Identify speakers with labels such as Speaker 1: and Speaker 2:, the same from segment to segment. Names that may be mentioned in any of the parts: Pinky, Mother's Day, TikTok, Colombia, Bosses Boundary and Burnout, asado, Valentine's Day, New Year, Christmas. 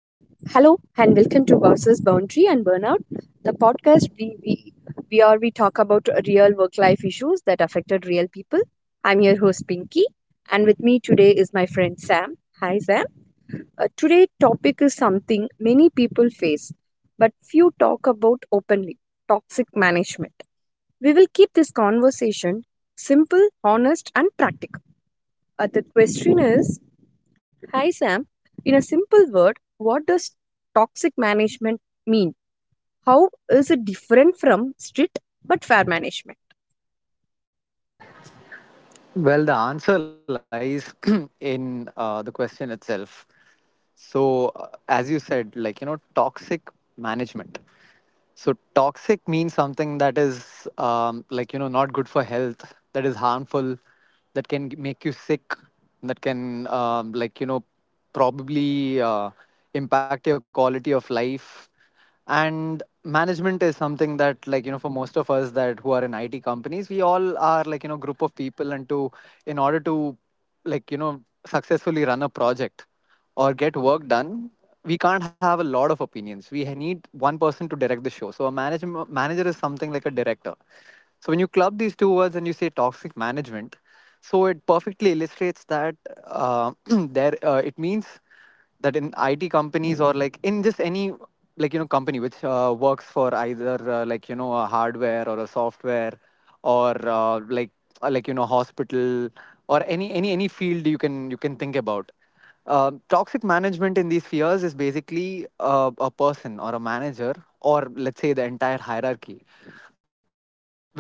Speaker 1: Hello and welcome to Bosses Boundary and Burnout, the podcast we where we talk about real work life issues that affected real people. I'm your host Pinky, and with me today is my friend Sam. Hi, Sam. Today topic is something many people face, but few talk about openly: toxic management. We will keep this conversation simple, honest, and practical. The question is: Hi, Sam. In a simple word, what does toxic management mean? How is it different from strict but fair management?
Speaker 2: Well, the answer lies in the question itself. So, as you said, toxic management. So toxic means something that is like you know not good for health, that is harmful, that can make you sick, that can probably impact your quality of life. And management is something that like you know for most of us that who are in IT companies, we all are like you know group of people, and to in order to like you know successfully run a project or get work done, we can't have a lot of opinions. We need one person to direct the show. So a manager is something like a director. So when you club these two words and you say toxic management, so it perfectly illustrates that there it means that in IT companies or like in just any like you know company which works for either like you know a hardware or a software or like you know hospital or any field you can think about, toxic management in these spheres is basically a person or a manager or let's say the entire hierarchy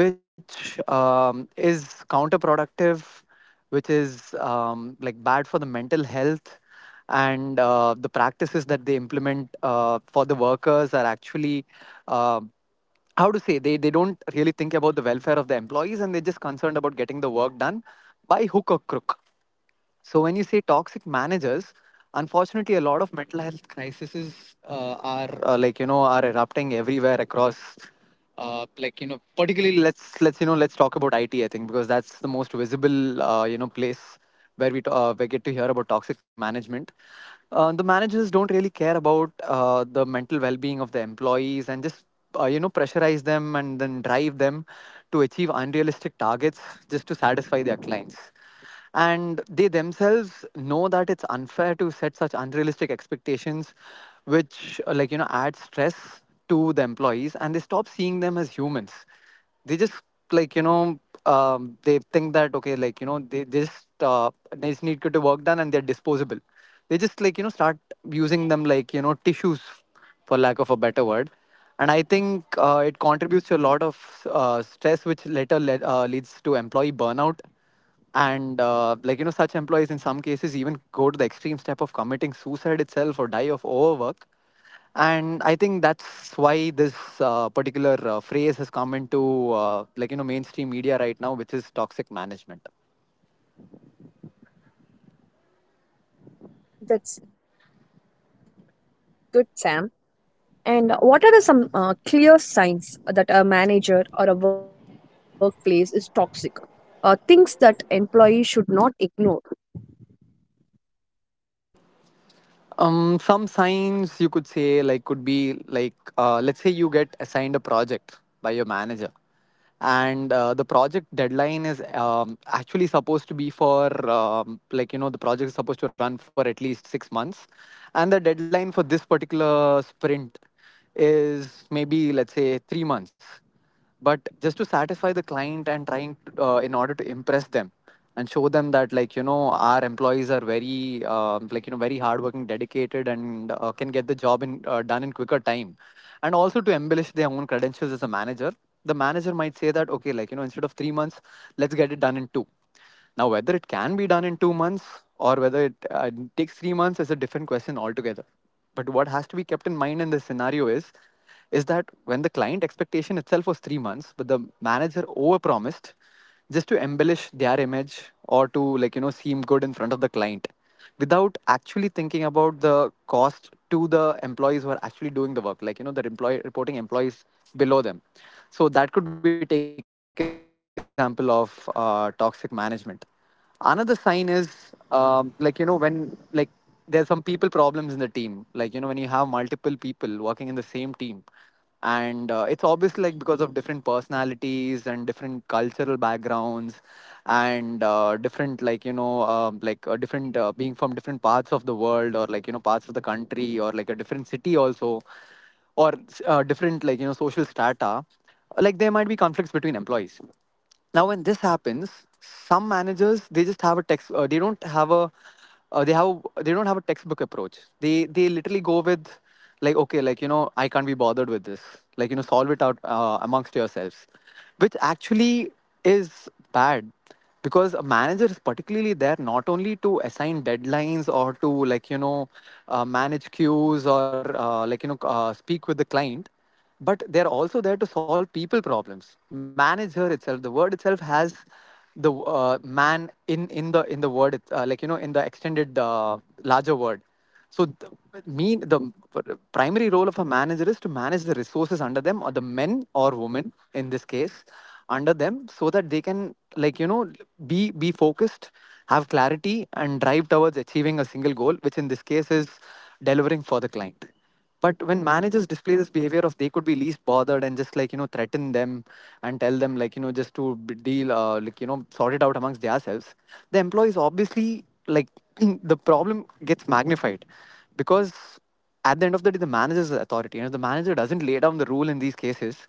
Speaker 2: which is counterproductive, which is like bad for the mental health, and the practices that they implement for the workers are actually uh, how to say, they don't really think about the welfare of the employees, and they're just concerned about getting the work done by hook or crook. So when you say toxic managers, unfortunately, a lot of mental health crises are like you know are erupting everywhere across. Like you know, particularly let's you know let's talk about IT. I think because that's the most visible you know place where we get to hear about toxic management. The managers don't really care about the mental well-being of the employees and just you know pressurize them and then drive them to achieve unrealistic targets just to satisfy their clients, and they themselves know that it's unfair to set such unrealistic expectations which like you know add stress to the employees, and they stop seeing them as humans. They just like you know they think that okay like you know they just need to get work done and they're disposable. They just like you know start using them like you know tissues, for lack of a better word. And I think it contributes to a lot of stress, which later leads to employee burnout. And like you know such employees in some cases even go to the extreme step of committing suicide itself or die of overwork. And I think that's why this particular phrase has come into like you know mainstream media right now, which is toxic management.
Speaker 1: That's good, Sam. And what are the some clear signs that a manager or a workplace is toxic? Things that employees should not ignore.
Speaker 2: Some signs you could say like could be like let's say you get assigned a project by your manager, and the project deadline is actually supposed to be for like you know, the project is supposed to run for at least 6 months, and the deadline for this particular sprint is maybe let's say 3 months, but just to satisfy the client and trying to, in order to impress them and show them that like you know our employees are very like you know very hardworking, dedicated, and can get the job in done in quicker time, and also to embellish their own credentials as a manager, the manager might say that okay like you know instead of 3 months, let's get it done in two. Now, whether it can be done in 2 months or whether it takes 3 months is a different question altogether. But what has to be kept in mind in this scenario is that when the client expectation itself was 3 months, but the manager overpromised just to embellish their image or to like you know seem good in front of the client, without actually thinking about the cost to the employees who are actually doing the work, like you know the employee reporting employees below them. So that could be taken as one example of toxic management. Another sign is, like you know, when like there's some people problems in the team, like you know when you have multiple people working in the same team, and it's obviously like because of different personalities and different cultural backgrounds, and different like you know different being from different parts of the world, or like you know parts of the country, or like a different city also, or different like you know social strata. Like, there might be conflicts between employees. Now when this happens, some managers, they just have a text they don't have a they don't have a textbook approach. They literally go with like, okay like you know I can't be bothered with this, like you know solve it out amongst yourselves, which actually is bad, because a manager is particularly there not only to assign deadlines or to like you know manage queues or like you know speak with the client, but they're also there to solve people problems. Manager itself, the word itself has the man in the, in the word, like you know, in the extended larger word. So the, mean the primary role of a manager is to manage the resources under them, or the men or women in this case under them, so that they can like you know be focused, have clarity, and drive towards achieving a single goal, which in this case is delivering for the client. But when managers display this behavior of they could be least bothered and just like you know threaten them, and tell them like you know just to deal, like you know sort it out amongst themselves, the employees obviously like the problem gets magnified, because at the end of the day, the manager's authority, and if the manager doesn't lay down the rule in these cases,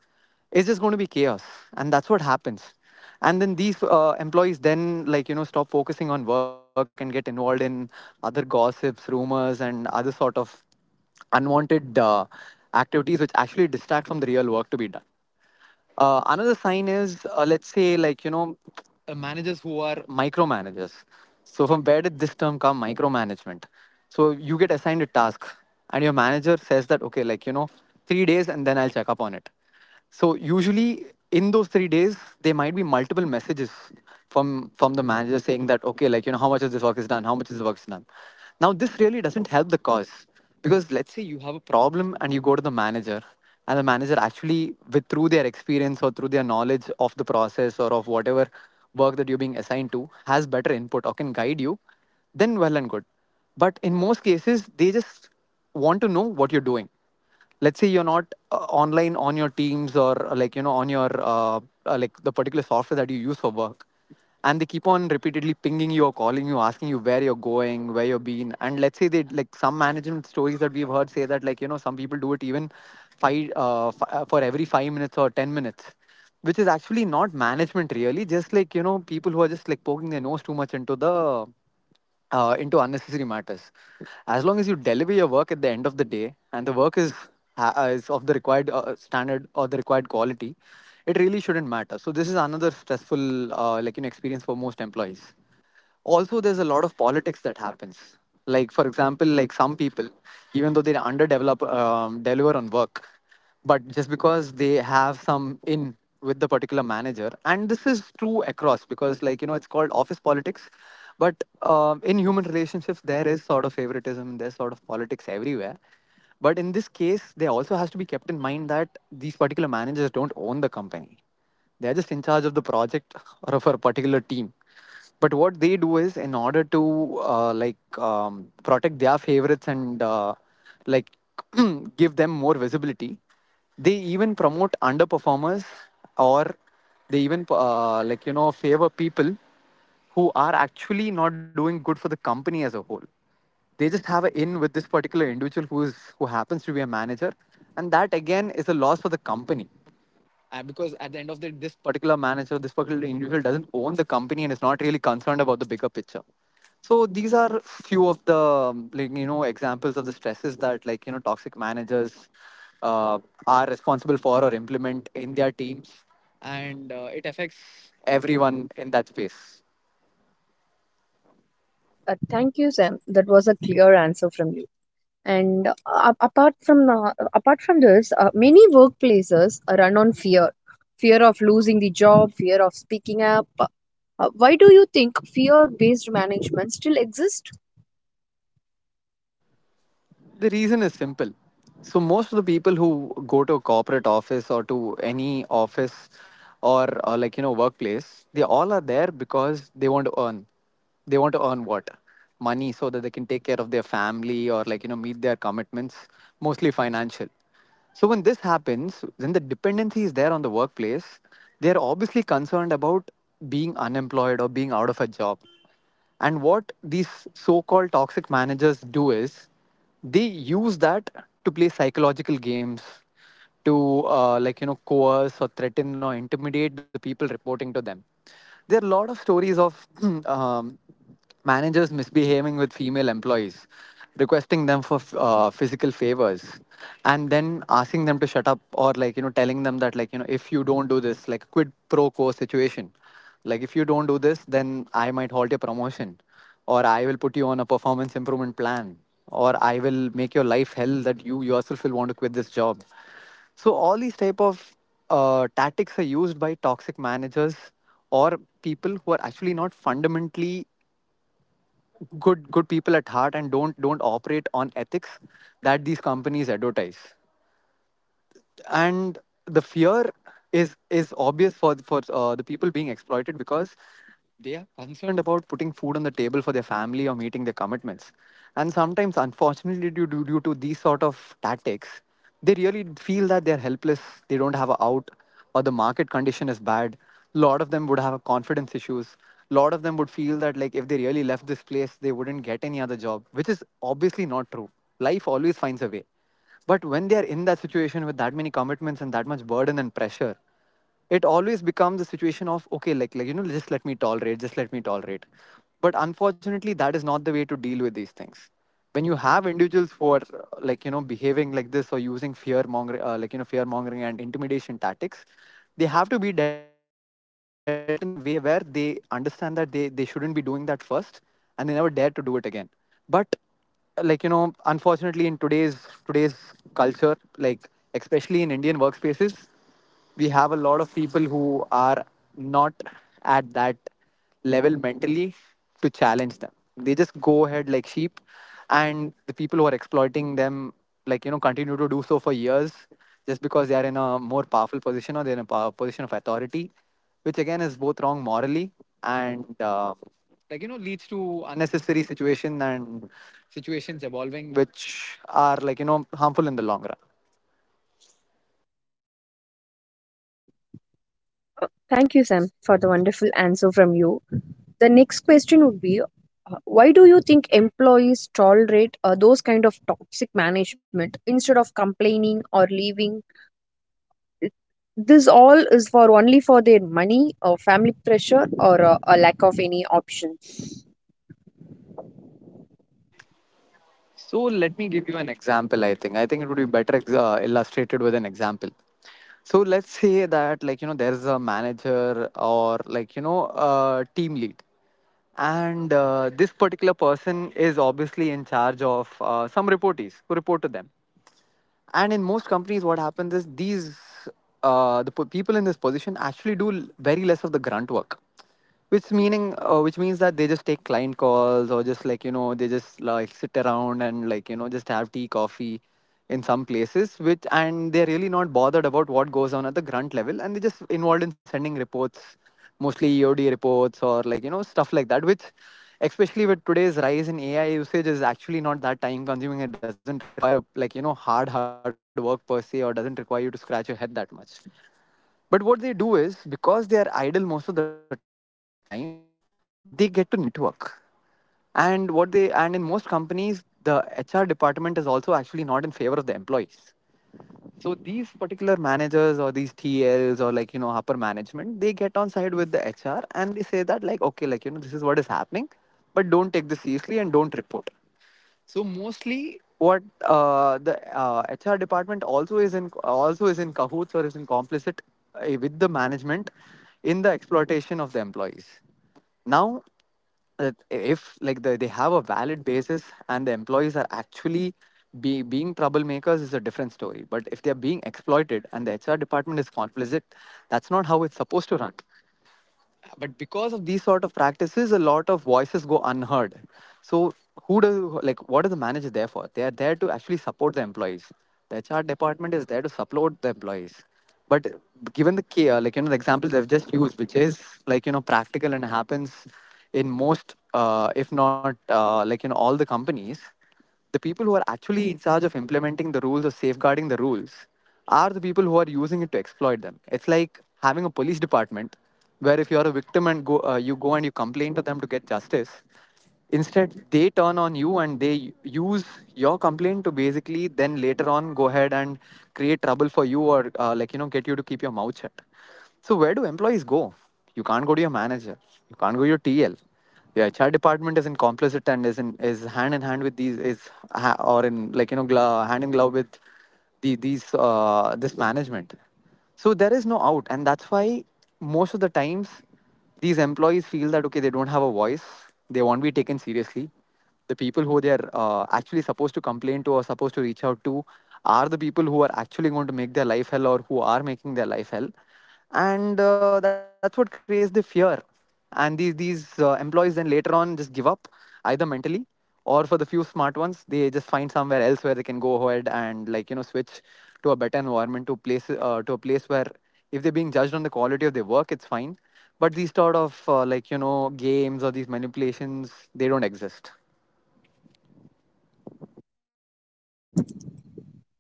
Speaker 2: it's just going to be chaos. And that's what happens. And then these employees then like you know stop focusing on work and get involved in other gossips, rumors, and other sort of unwanted activities which actually distract from the real work to be done. Another sign is, let's say, like, you know, managers who are micromanagers. So, from where did this term come, micromanagement? So, you get assigned a task, and your manager says that, okay, like, you know, 3 days and then I'll check up on it. So, usually in those 3 days, there might be multiple messages from the manager saying that, okay, like, you know, how much of this work is done, how much of this work is done. Now, this really doesn't help the cause, because let's say you have a problem and you go to the manager, and the manager actually with through their experience or through their knowledge of the process or of whatever work that you're being assigned to has better input or can guide you, then well and good. But in most cases they just want to know what you're doing. Let's say you're not uh, online on your Teams, or like you know on your like the particular software that you use for work, and they keep on repeatedly pinging you or calling you, asking you where you're going, where you've been. And let's say, they like some management stories that we've heard say that like you know some people do it even for every 5 minutes or 10 minutes, which is actually not management really, just like you know people who are just like poking their nose too much into the into unnecessary matters. As long as you deliver your work at the end of the day and the work is is of the required standard or the required quality, it really shouldn't matter. So this is another stressful experience for most employees. Also, there's a lot of politics that happens. Like, for example, like some people, even though they underdevelop deliver on work, but just because they have some in with the particular manager. And this is true across, because like you know it's called office politics. But in human relationships there is sort of favoritism, there's sort of politics everywhere. But in this case there also has to be kept in mind that these particular managers don't own the company, they're just in charge of the project or of a particular team. But what they do is, in order to protect their favorites and like give them more visibility, they even promote underperformers, or they even favor people who are actually not doing good for the company as a whole. They just have an in with this particular individual who happens to be a manager. And that again is a loss for the company, because at the end of the day, this particular manager, this particular individual doesn't own the company and is not really concerned about the bigger picture. So these are few of the examples of the stresses that like you know toxic managers uh, are responsible for or implement in their teams, and it affects everyone in that space.
Speaker 1: Thank you, Sam. That was a clear answer from you. And apart from this, many workplaces run on fear, fear of losing the job, fear of speaking up. Why do you think fear based management still exists?
Speaker 2: The reason is simple. So, most of the people who go to a corporate office or to any office or, like, you know, workplace, they all are there because they want to earn. They want to earn what? Money, so that they can take care of their family or, like, you know, meet their commitments, mostly financial. So, when this happens, when the dependency is there on the workplace, they're obviously concerned about being unemployed or being out of a job. And what these so called toxic managers do is they use that to play psychological games, to, like, you know, coerce or threaten or intimidate the people reporting to them. There are a lot of stories of um, managers misbehaving with female employees, requesting them for physical favors, and then asking them to shut up, or like you know telling them that, like you know, if you don't do this, like quid pro quo situation, like if you don't do this, then I might halt your promotion, or I will put you on a performance improvement plan, or I will make your life hell, that you yourself will want to quit this job. So all these type of tactics are used by toxic managers, or people who are actually not fundamentally good people at heart and don't operate on ethics that these companies advertise. And the fear is obvious for the people being exploited, because they are concerned about putting food on the table for their family or meeting their commitments. And sometimes, unfortunately, due to these sort of tactics, they really feel that they're helpless, they don't have a out, or the market condition is bad. A lot of them would have confidence issues. A lot of them would feel that, like, if they really left this place they wouldn't get any other job, which is obviously not true. Life always finds a way. But when they are in that situation, with that many commitments and that much burden and pressure, it always becomes a situation of, okay, just let me tolerate, just let me tolerate. But unfortunately, that is not the way to deal with these things. When you have individuals who are behaving like this, or using fear mongering, fear mongering and intimidation tactics, they have to be dealt in a way where they understand that they shouldn't be doing that first, and they never dare to do it again. But like you know, unfortunately, in today's culture, like, especially in indian workspaces, we have a lot of people who are not at that level mentally to challenge them. They just go ahead like sheep, and the people who are exploiting them, like you know, continue to do so for years, just because they are in a more powerful position, or they're in a power position of authority. Which again is both wrong morally and leads to unnecessary situation and situations evolving which are, like you know, harmful in the long run.
Speaker 1: Thank you, Sam, for the wonderful answer from you. The next question would be, why do you think employees tolerate those kind of toxic management instead of complaining or leaving? This all is for only for their money or family pressure, or a lack of any option?
Speaker 2: So let me give you an example. I think it would be better illustrated with an example. So let's say that, like you know, there's a manager, or like you know, a team lead, and this particular person is obviously in charge of some reportees who report to them. And in most companies what happens is, these people in this position actually do very less of the grunt work, which meaning, which means that they just take client calls, or just like you know they just like sit around and like you know just have tea coffee in some places. Which, and they're really not bothered about what goes on at the grunt level, and they're just involved in sending reports, mostly EOD reports or like you know stuff like that, which, especially with today's rise in AI usage, is actually not that time consuming. It doesn't require a, like you know, hard work per se, or doesn't require you to scratch your head that much. But what they do is, because they are idle most of the time, they get to network. And what they, and in most companies the HR department is also actually not in favor of the employees. So these particular managers, or these T Ls, or like you know upper management, they get on side with the HR and they say that, like, okay, like you know this is what is happening, but don't take this seriously and don't report. So mostly what the HR department also is in cahoots or is in complicit with the management, in the exploitation of the employees. Now, that if like the, they have a valid basis and the employees are actually being troublemakers, is a different story. But if they are being exploited and the HR department is complicit, that's not how it's supposed to run. But because of these sort of practices, a lot of voices go unheard. So, who does, like, what is the manager there for? They are there to actually support the employees. The HR department is there to support the employees. But, given the care, like you know, the example they've just used, which is, like you know, practical and happens in most, if not, all the companies, the people who are actually in charge of implementing the rules or safeguarding the rules are the people who are using it to exploit them. It's like having a police department where, if you're a victim and go, you go and you complain to them to get justice, instead they turn on you and they use your complaint to basically then later on go ahead and create trouble for you, or get you to keep your mouth shut. So where do employees go? You can't go to your manager. You can't go to your TL. Your HR department is in complicit and is in is hand in hand with these, is ha- or in like you know gla- hand in glove with the these this management. So there is no out, and that's why, most of the times, these employees feel that, okay, they don't have a voice. They won't be taken seriously. The people who they are, actually supposed to complain to, or supposed to reach out to, are the people who are actually going to make their life hell, or who are making their life hell. And that's what creates the fear. And these employees then later on just give up, either mentally, or, for the few smart ones, they just find somewhere else where they can go ahead and, like you know, switch to a better environment, to a place, to a place where, if they're being judged on the quality of their work, it's fine, but these sort of, like you know, games, or these manipulations, they don't exist.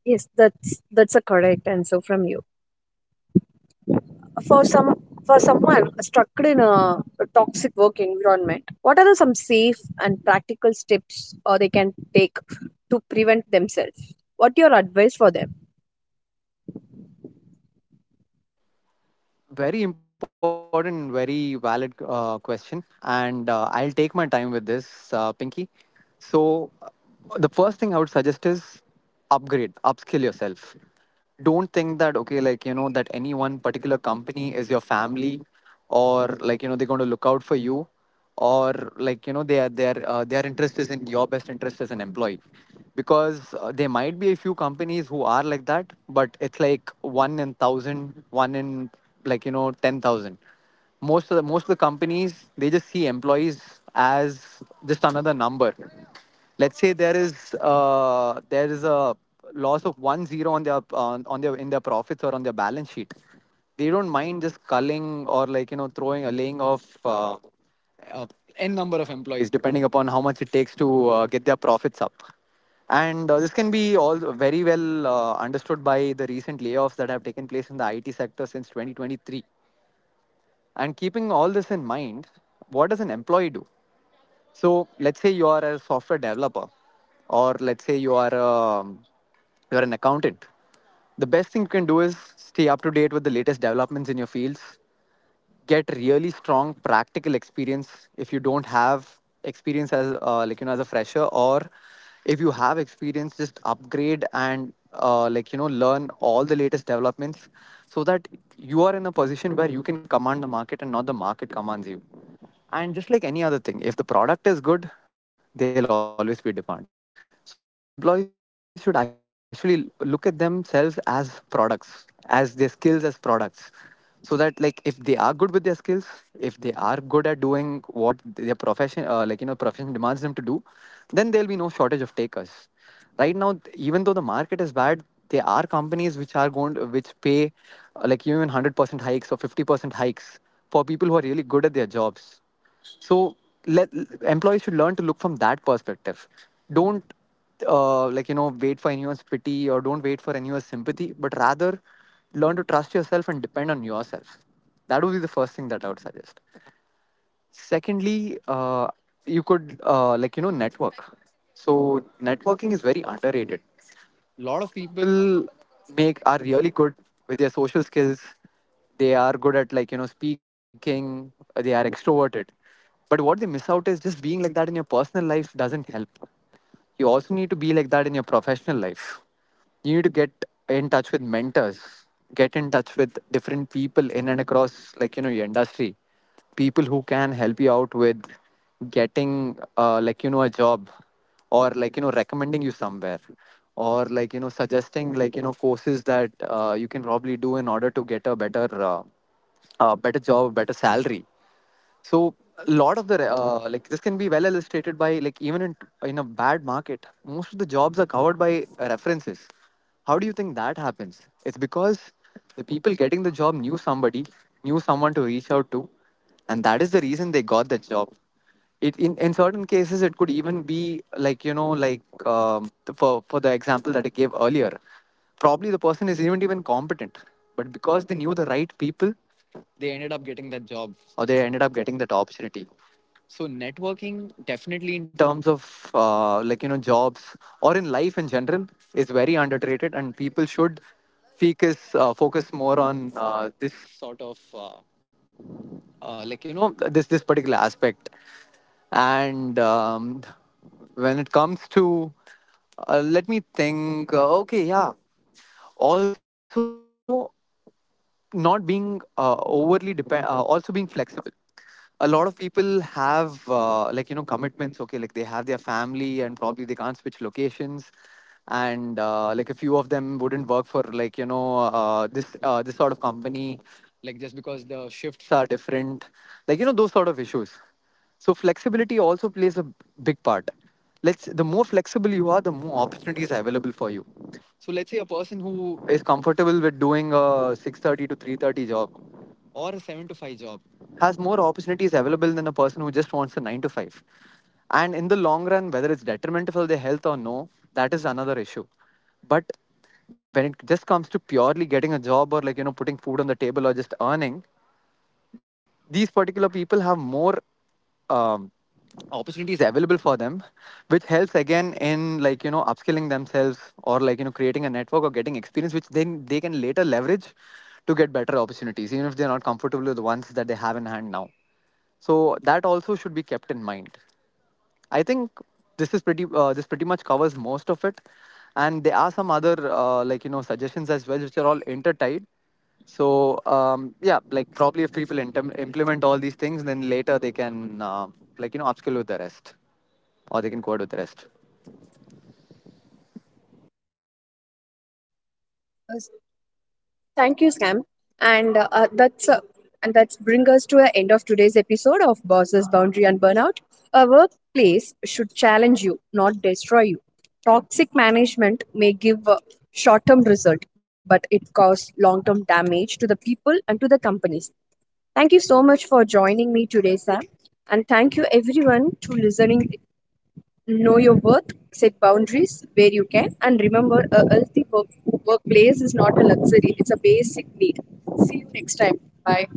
Speaker 1: Yes, that's a correct answer from you. For some for someone stuck in a toxic work environment, what are the some safe and practical steps or they can take to prevent themselves? What your advice for them?
Speaker 2: Very important and very valid question. And I'll take my time with this, Pinky. So, the first thing I would suggest is, upgrade, upskill yourself. Don't think that, okay, like, that any one particular company is your family, or like, they're going to look out for you, or like their interest is in your best interest as an employee. Because there might be a few companies who are like that, but it's like one in thousand, one in, like 10,000. Most of the companies, they just see employees as just another number. Let's say there is a loss of one zero on their in their profits, or on their balance sheet. They don't mind just culling, or like throwing a, laying off uh, n number of employees, depending upon how much it takes to get their profits up. And this can be all very well understood by the recent layoffs that have taken place in the IT sector since 2023. And keeping all this in mind, what does an employee do? So let's say you are a software developer, or let's say you're an accountant. The best thing you can do is stay up to date with the latest developments in your fields. Get really strong practical experience if you don't have experience, as like as a fresher, or if you have experience, just upgrade and like learn all the latest developments, so that you are in a position where you can command the market and not the market commands you. And just like any other thing, if the product is good, there'll always be demand. So I think employees should actually look at themselves as products, as their skills as products. So that, like, if they are good with their skills, if they are good at doing what their profession, like, profession demands them to do, then there'll be no shortage of takers. Right now, even though the market is bad, there are companies which are going to, which pay like even 100% hikes or 50% hikes for people who are really good at their jobs. So let, employees should learn to look from that perspective. Don't like wait for anyone's pity, or don't wait for anyone's sympathy, but rather learn to trust yourself and depend on yourself. That would be the first thing that I would suggest. Secondly, you could like network. So networking is very underrated. A lot of people make, are really good with their social skills. They are good at, like, speaking. They are extroverted. But what they miss out is, just being like that in your personal life doesn't help. You also need to be like that in your professional life. You need to get in touch with mentors, get in touch with different people in and across, like, your industry. People who can help you out with getting like a job, or like recommending you somewhere, or like suggesting, like, courses that you can probably do in order to get a better better job, better salary. So a lot of the like, this can be well illustrated by, like, even in, a bad market, most of the jobs are covered by references. How do you think that happens? It's because the people getting the job knew somebody, knew someone to reach out to, and that is the reason they got the job. In certain cases, it could even be like like for the example that I gave earlier, probably the person is even competent, but because they knew the right people, they ended up getting that job, or they ended up getting that opportunity. So networking, definitely in terms of like jobs, or in life in general, is very underrated, and people should focus more on this sort of like this particular aspect. And when it comes to, let me think. Okay, yeah, also not being also being flexible. A lot of people have like commitments. Okay, like they have their family and probably they can't switch locations, and like a few of them wouldn't work for, like, this sort of company, like just because the shifts are different, like those sort of issues. So flexibility also plays a big part. Let's, the more flexible you are, the more opportunities are available for you. So let's say a person who is comfortable with doing a 6:30 to 3:30 job, or a 7 to 5 job, has more opportunities available than a person who just wants a 9 to 5. And in the long run, whether it's detrimental for their health or no, that is another issue. But when it just comes to purely getting a job, or like putting food on the table, or just earning, these particular people have more um, opportunities available for them, which helps again in, like, upskilling themselves, or like creating a network, or getting experience, which then they can later leverage to get better opportunities, even if they're not comfortable with the ones that they have in hand now. So that also should be kept in mind. I think this is pretty. This pretty much covers most of it, and there are some other like suggestions as well, which are all intertied. So yeah, like probably if people implement all these things, then later they can like upskill with the rest, or they can code with the rest.
Speaker 1: Thank you, Sam. And that's and that's bring us to the end of today's episode of Bosses, Boundary and Burnout. A workplace should challenge you, not destroy you. Toxic management may give a short-term result, but it causes long-term damage to the people and to the companies. Thank you so much for joining me today, Sam. And thank you everyone to listening. Know your worth, set boundaries where you can, and remember, a workplace is not a luxury, it's a basic need. See you next time. Bye.